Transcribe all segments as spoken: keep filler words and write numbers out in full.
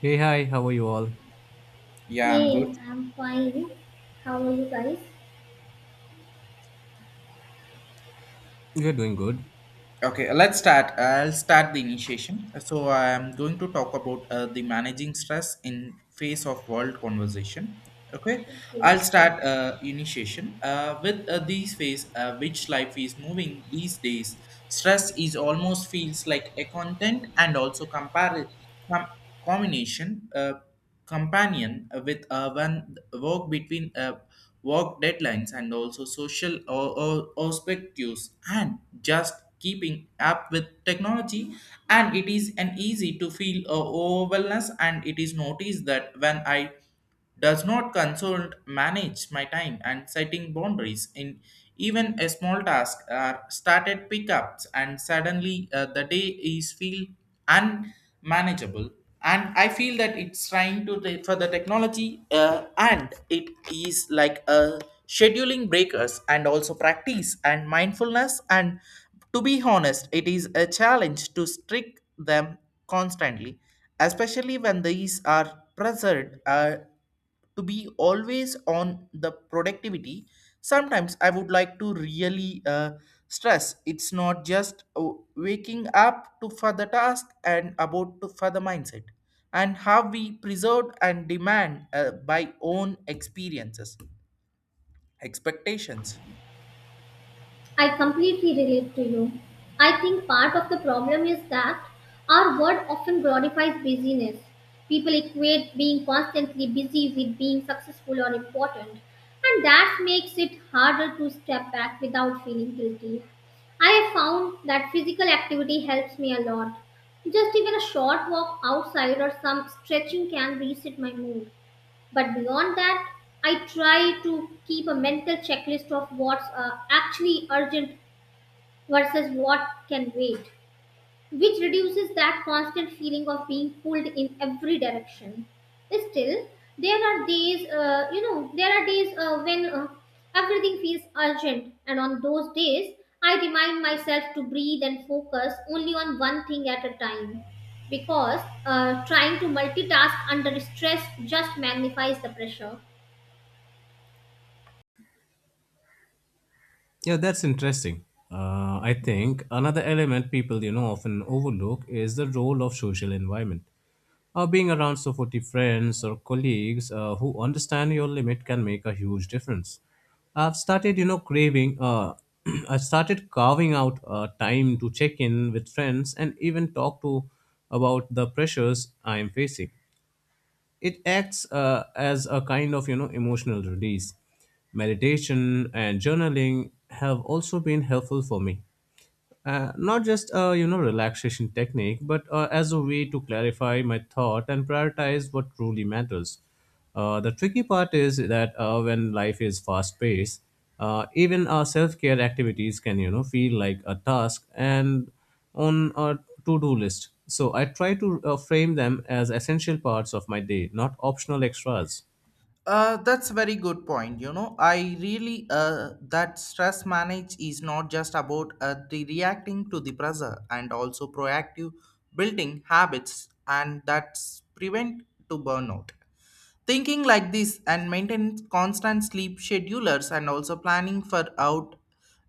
Hey, hi, how are you all? Yeah, I'm good. Hey, I'm fine. How are you guys? You are doing good. Okay, let's start. I'll start the initiation. So I'm going to talk about uh, the managing stress in face of world conversation. Okay, Okay. I'll start uh, initiation uh, with uh, these phase uh, which life is moving these days. Stress is almost feels like a content and also compare com- combination. Uh, companion uh, with uh, one work between uh, work deadlines and also social or, or perspectives and just keeping up with technology, and it is an easy to feel uh, overwhelmed, and it is noticed that when I does not consult manage my time and setting boundaries in even a small task are started pickups, and suddenly uh, the day is feel unmanageable, and I feel that it's trying to the, for the technology uh, and it is like a scheduling breakers and also practice and mindfulness, and to be honest it is a challenge to strict them constantly, especially when these are pressured uh, to be always on the productivity. Sometimes I would like to really uh, stress it's not just uh, waking up to for the task and about to for the mindset, and how we preserve and demand uh, by own experiences expectations. I completely relate to you. I think part of the problem is that our world often glorifies busyness. People equate being constantly busy with being successful or important, and that makes it harder to step back without feeling guilty. I have found that physical activity helps me a lot. Just even a short walk outside or some stretching can reset my mood. But beyond that, I try to keep a mental checklist of what's uh, actually urgent versus what can wait, which reduces that constant feeling of being pulled in every direction. Still, there are days, uh, you know, there are days uh, when uh, everything feels urgent, and on those days, I remind myself to breathe and focus only on one thing at a time because uh, trying to multitask under stress just magnifies the pressure. Yeah, that's interesting. Uh, I think another element people, you know, often overlook is the role of social environment. Uh, being around supportive friends or colleagues uh, who understand your limit can make a huge difference. I've started, you know, craving, uh, I started carving out uh, time to check in with friends and even talk to about the pressures I'm facing. It acts uh, as a kind of you know emotional release. Meditation and journaling have also been helpful for me, uh, not just a you know relaxation technique but uh, as a way to clarify my thought and prioritize what truly matters. Uh, the tricky part is that uh, when life is fast paced, uh, even our self-care activities can you know feel like a task and on a to-do list, so I try to uh, frame them as essential parts of my day, not optional extras. Uh, that's a very good point. You know, I really uh, that stress manage is not just about uh, the reacting to the pressure and also proactive building habits and that's prevent to burnout. Thinking like this and maintain constant sleep schedulers and also planning for out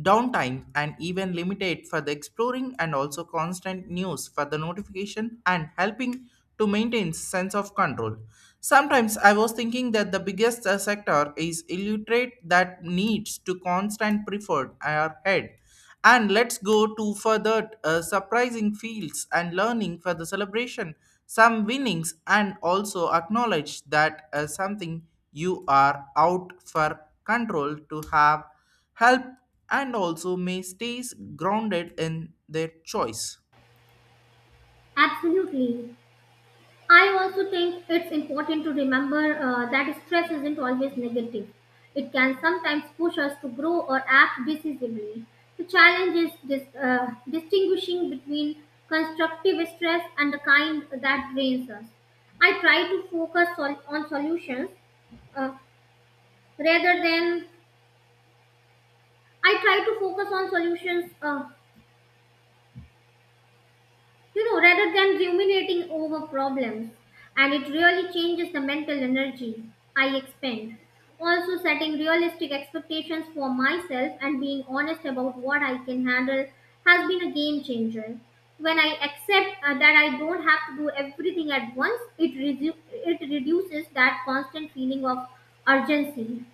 downtime and even limited for the exploring and also constant news for the notification and helping to maintain sense of control. Sometimes I was thinking that the biggest uh, sector is illiterate that needs to constant preferred our head, and let's go to further uh, surprising fields and learning for the celebration some winnings and also acknowledge that uh, something you are out for control to have help and also may stays grounded in their choice. Absolutely. I also think it's important to remember uh, that stress isn't always negative. It can sometimes push us to grow or act decisively. The challenge is dis- uh, distinguishing between constructive stress and the kind that drains us. I try to focus on, on solutions uh, rather than I try to focus on solutions, uh, you know, rather than ruminating over problems, and it really changes the mental energy I expend. Also, setting realistic expectations for myself and being honest about what I can handle has been a game changer. When I accept uh, that I don't have to do everything at once, it, redu- it reduces that constant feeling of urgency.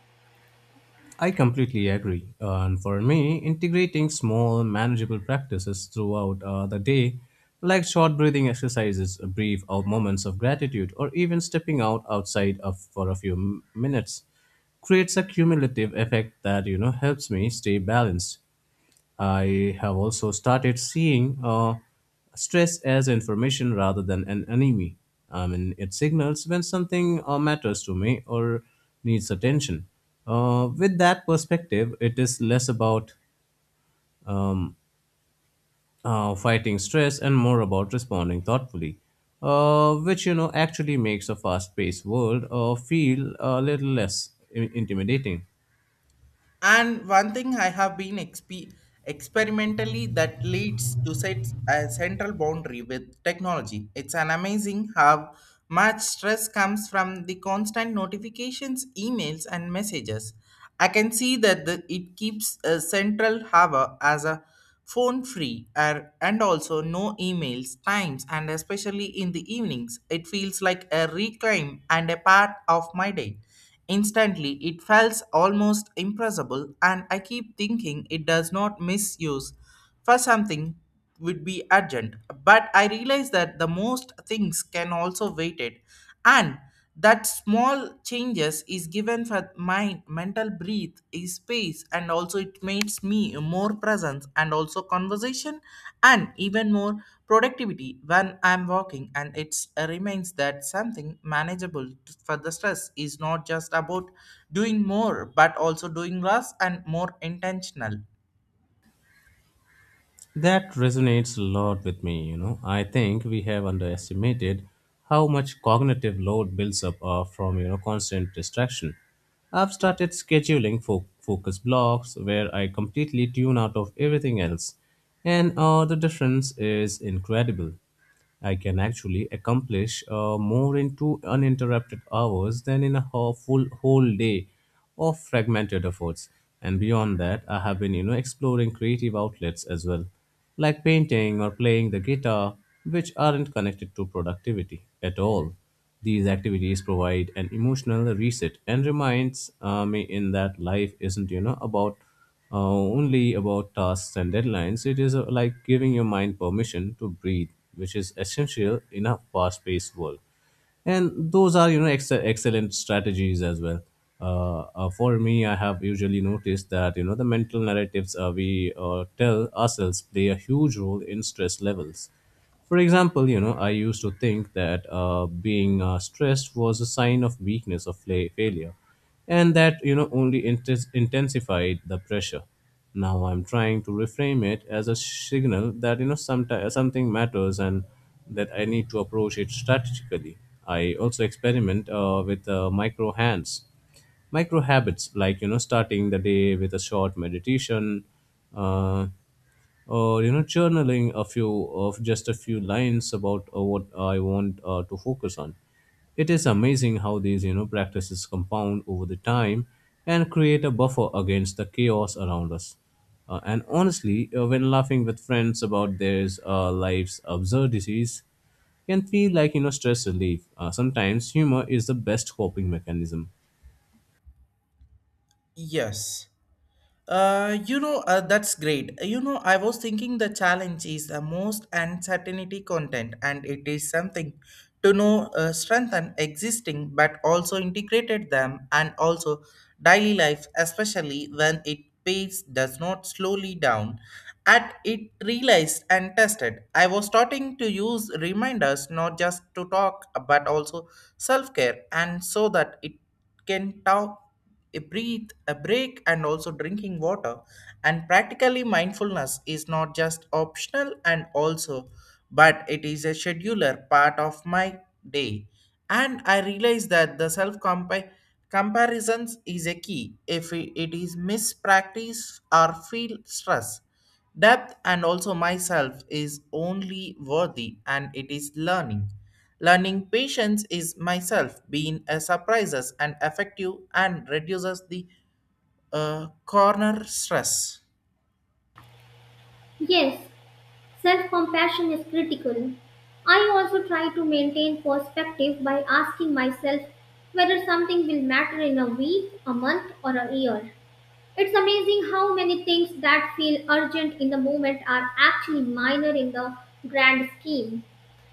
I completely agree. And for me, integrating small, manageable practices throughout uh, the day, like short breathing exercises, a brief or moments of gratitude, or even stepping out outside of, for a few m- minutes, creates a cumulative effect that you know helps me stay balanced. I have also started seeing uh, stress as information rather than an enemy. I mean, it signals when something uh, matters to me or needs attention. Uh, with that perspective, it is less about um, uh, fighting stress and more about responding thoughtfully, uh, which you know actually makes a fast-paced world uh, feel a little less i- intimidating. And one thing I have been exp- experimentally that leads to set a central boundary with technology. It's an amazing how much stress comes from the constant notifications, emails, and messages. I can see that the, it keeps a central hover as a phone free or, and also no emails, times, and especially in the evenings. It feels like a reclaim and a part of my day. Instantly, it feels almost impressible, and I keep thinking it does not misuse for something would be urgent. But I realize that the most things can also wait it, and that small changes is given for my mental breathe is space, and also it makes me more presence and also conversation and even more productivity when I'm walking, and it remains that something manageable t- for the stress is not just about doing more but also doing less and more intentional. That resonates a lot with me, you know. I think we have underestimated how much cognitive load builds up uh, from, you know, constant distraction. I've started scheduling fo- focus blocks where I completely tune out of everything else, and uh, the difference is incredible. I can actually accomplish uh, more in two uninterrupted hours than in a ho- full whole day of fragmented efforts. And beyond that, I have been, you know, exploring creative outlets as well, like painting or playing the guitar, which aren't connected to productivity at all. These activities provide an emotional reset and reminds uh, me in that life isn't, you know, about uh, only about tasks and deadlines. It is uh, like giving your mind permission to breathe, which is essential in a fast-paced world. And those are, you know, ex- excellent strategies as well. Uh, uh, for me, I have usually noticed that you know the mental narratives uh, we uh, tell ourselves play a huge role in stress levels. For example, you know, I used to think that uh, being uh, stressed was a sign of weakness or fla- failure, and that you know only intes- intensified the pressure. Now I'm trying to reframe it as a signal that, you know sometimes something matters and that I need to approach it strategically. I also experiment uh, with uh, micro hands micro habits like you know starting the day with a short meditation, uh, uh, you know journaling a few of just a few lines about uh, what I want uh, to focus on. It is amazing how these you know practices compound over the time and create a buffer against the chaos around us. Uh, and honestly, uh, when laughing with friends about their uh, life's absurdities can feel like, you know stress relief. Uh, sometimes humor is the best coping mechanism. Yes. Uh, you know, uh, that's great. Uh, You know, I was thinking the challenge is the most uncertainty content, and it is something to know uh, strengthen existing, but also integrated them and also daily life, especially when it pace does not slowly down. At it realized and tested, I was starting to use reminders not just to talk but also self care, and so that it can talk a breathe a break and also drinking water, and practically mindfulness is not just optional and also but it is a scheduler part of my day. And I realize that the self comparisons is a key if it it is mispractice or feel stress depth, and also myself is only worthy and it is learning. Learning patience is myself being a surprises and effective and reduces the uh, corner stress. Yes, self compassion is critical. I also try to maintain perspective by asking myself whether something will matter in a week, a month, or a year. It's amazing how many things that feel urgent in the moment are actually minor in the grand scheme.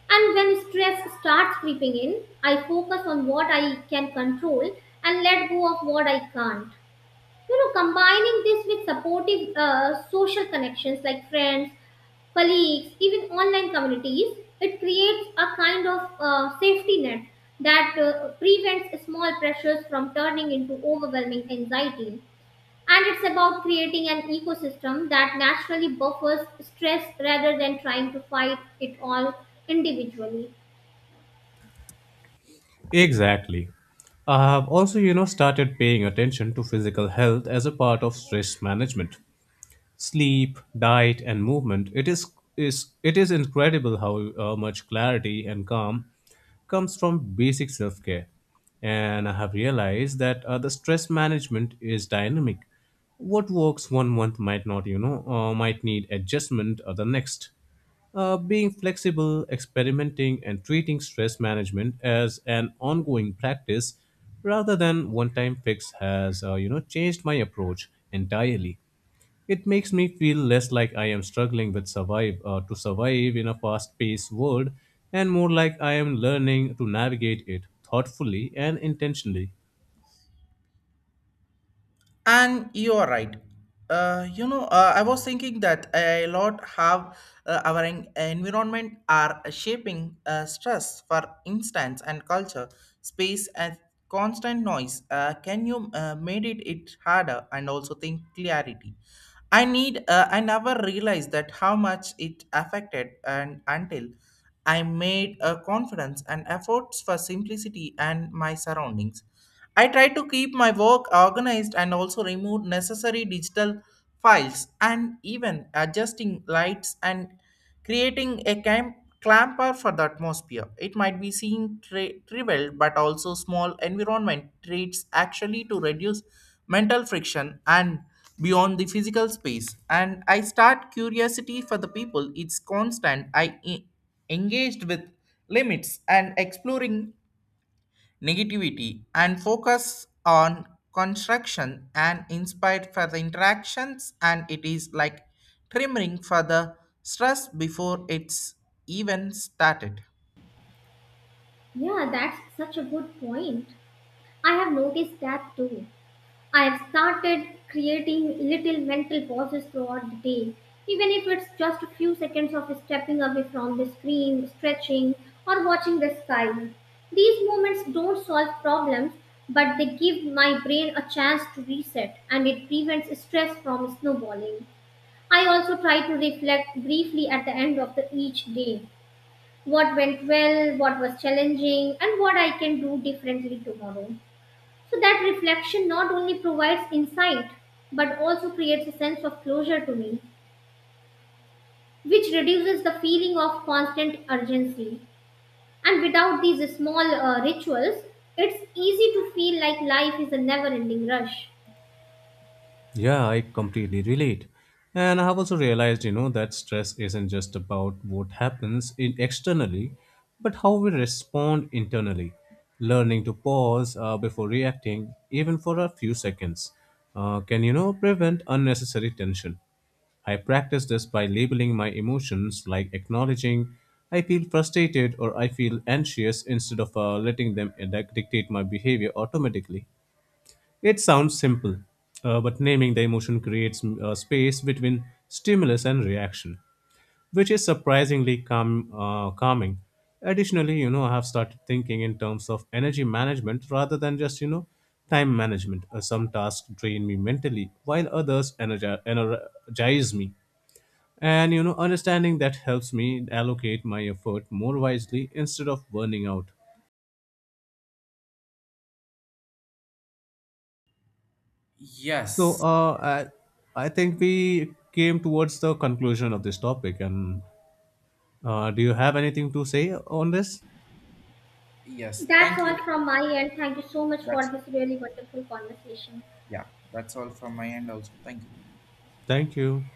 And when stress starts creeping in, I focus on what I can control and let go of what I can't. You know, combining this with supportive uh, social connections like friends, colleagues, even online communities, it creates a kind of uh, safety net that uh, prevents small pressures from turning into overwhelming anxiety. And it's about creating an ecosystem that naturally buffers stress rather than trying to fight it all individually. Exactly. I have also, you know, started paying attention to physical health as a part of stress management. Sleep, diet, and movement, it is, is it is incredible how uh, much clarity and calm comes from basic self care. And I have realized that uh, the stress management is dynamic. What works one month might not, you know, uh, might need adjustment uh, the next. Uh, being flexible, experimenting, and treating stress management as an ongoing practice rather than one-time fix has, uh, you know, changed my approach entirely. It makes me feel less like I am struggling with survive uh, to survive in a fast-paced world, and more like I am learning to navigate it thoughtfully and intentionally. And you are right. Uh, you know, uh, I was thinking that a lot have uh, our en- environment are shaping uh, stress, for instance, and culture, space, and constant noise. Uh, can you uh, made it it harder and also think clarity? I need. Uh, I never realized that how much it affected, and until I made a confidence and efforts for simplicity and my surroundings. I try to keep my work organized and also remove necessary digital files and even adjusting lights and creating a camp clamper for the atmosphere. It might be seen tri- trivial, but also small environment treats actually to reduce mental friction and beyond the physical space. And I start curiosity for the people. It's constant. I e- engaged with limits and exploring negativity and focus on construction and inspired for the interactions, and it is like trimming for the stress before it's even started. Yeah, that's such a good point. I have noticed that too. I've started creating little mental pauses throughout the day, even if it's just a few seconds of stepping away from the screen, stretching, or watching the sky. These moments don't solve problems, but they give my brain a chance to reset and it prevents stress from snowballing. I also try to reflect briefly at the end of the each day what went well, what was challenging, and what I can do differently tomorrow. So that reflection not only provides insight but also creates a sense of closure to me, which reduces the feeling of constant urgency. And without these small uh, rituals, it's easy to feel like life is a never ending rush. Yeah, I completely relate. And I have also realized, you know, that stress isn't just about what happens in externally, but how we respond internally. Learning to pause uh, before reacting, even for a few seconds, uh, can, you know, prevent unnecessary tension. I practice this by labeling my emotions, like acknowledging I feel frustrated or I feel anxious instead of uh, letting them dic- dictate my behavior automatically. It sounds simple, uh, but naming the emotion creates mm, a space between stimulus and reaction, which is surprisingly calm, uh, calming. Additionally, you know, I have started thinking in terms of energy management rather than just, you know, time management. Uh, some tasks drain me mentally, while others energi- energize me. And, you know, understanding that helps me allocate my effort more wisely instead of burning out. So Yes, uh, I, I think we came towards the conclusion of this topic. And uh, do you have anything to say on this? yes. That's Thank you. all from my end. Thank you so much for That's, this really wonderful conversation. yeah. That's all from my end. Also, thank you. Thank you.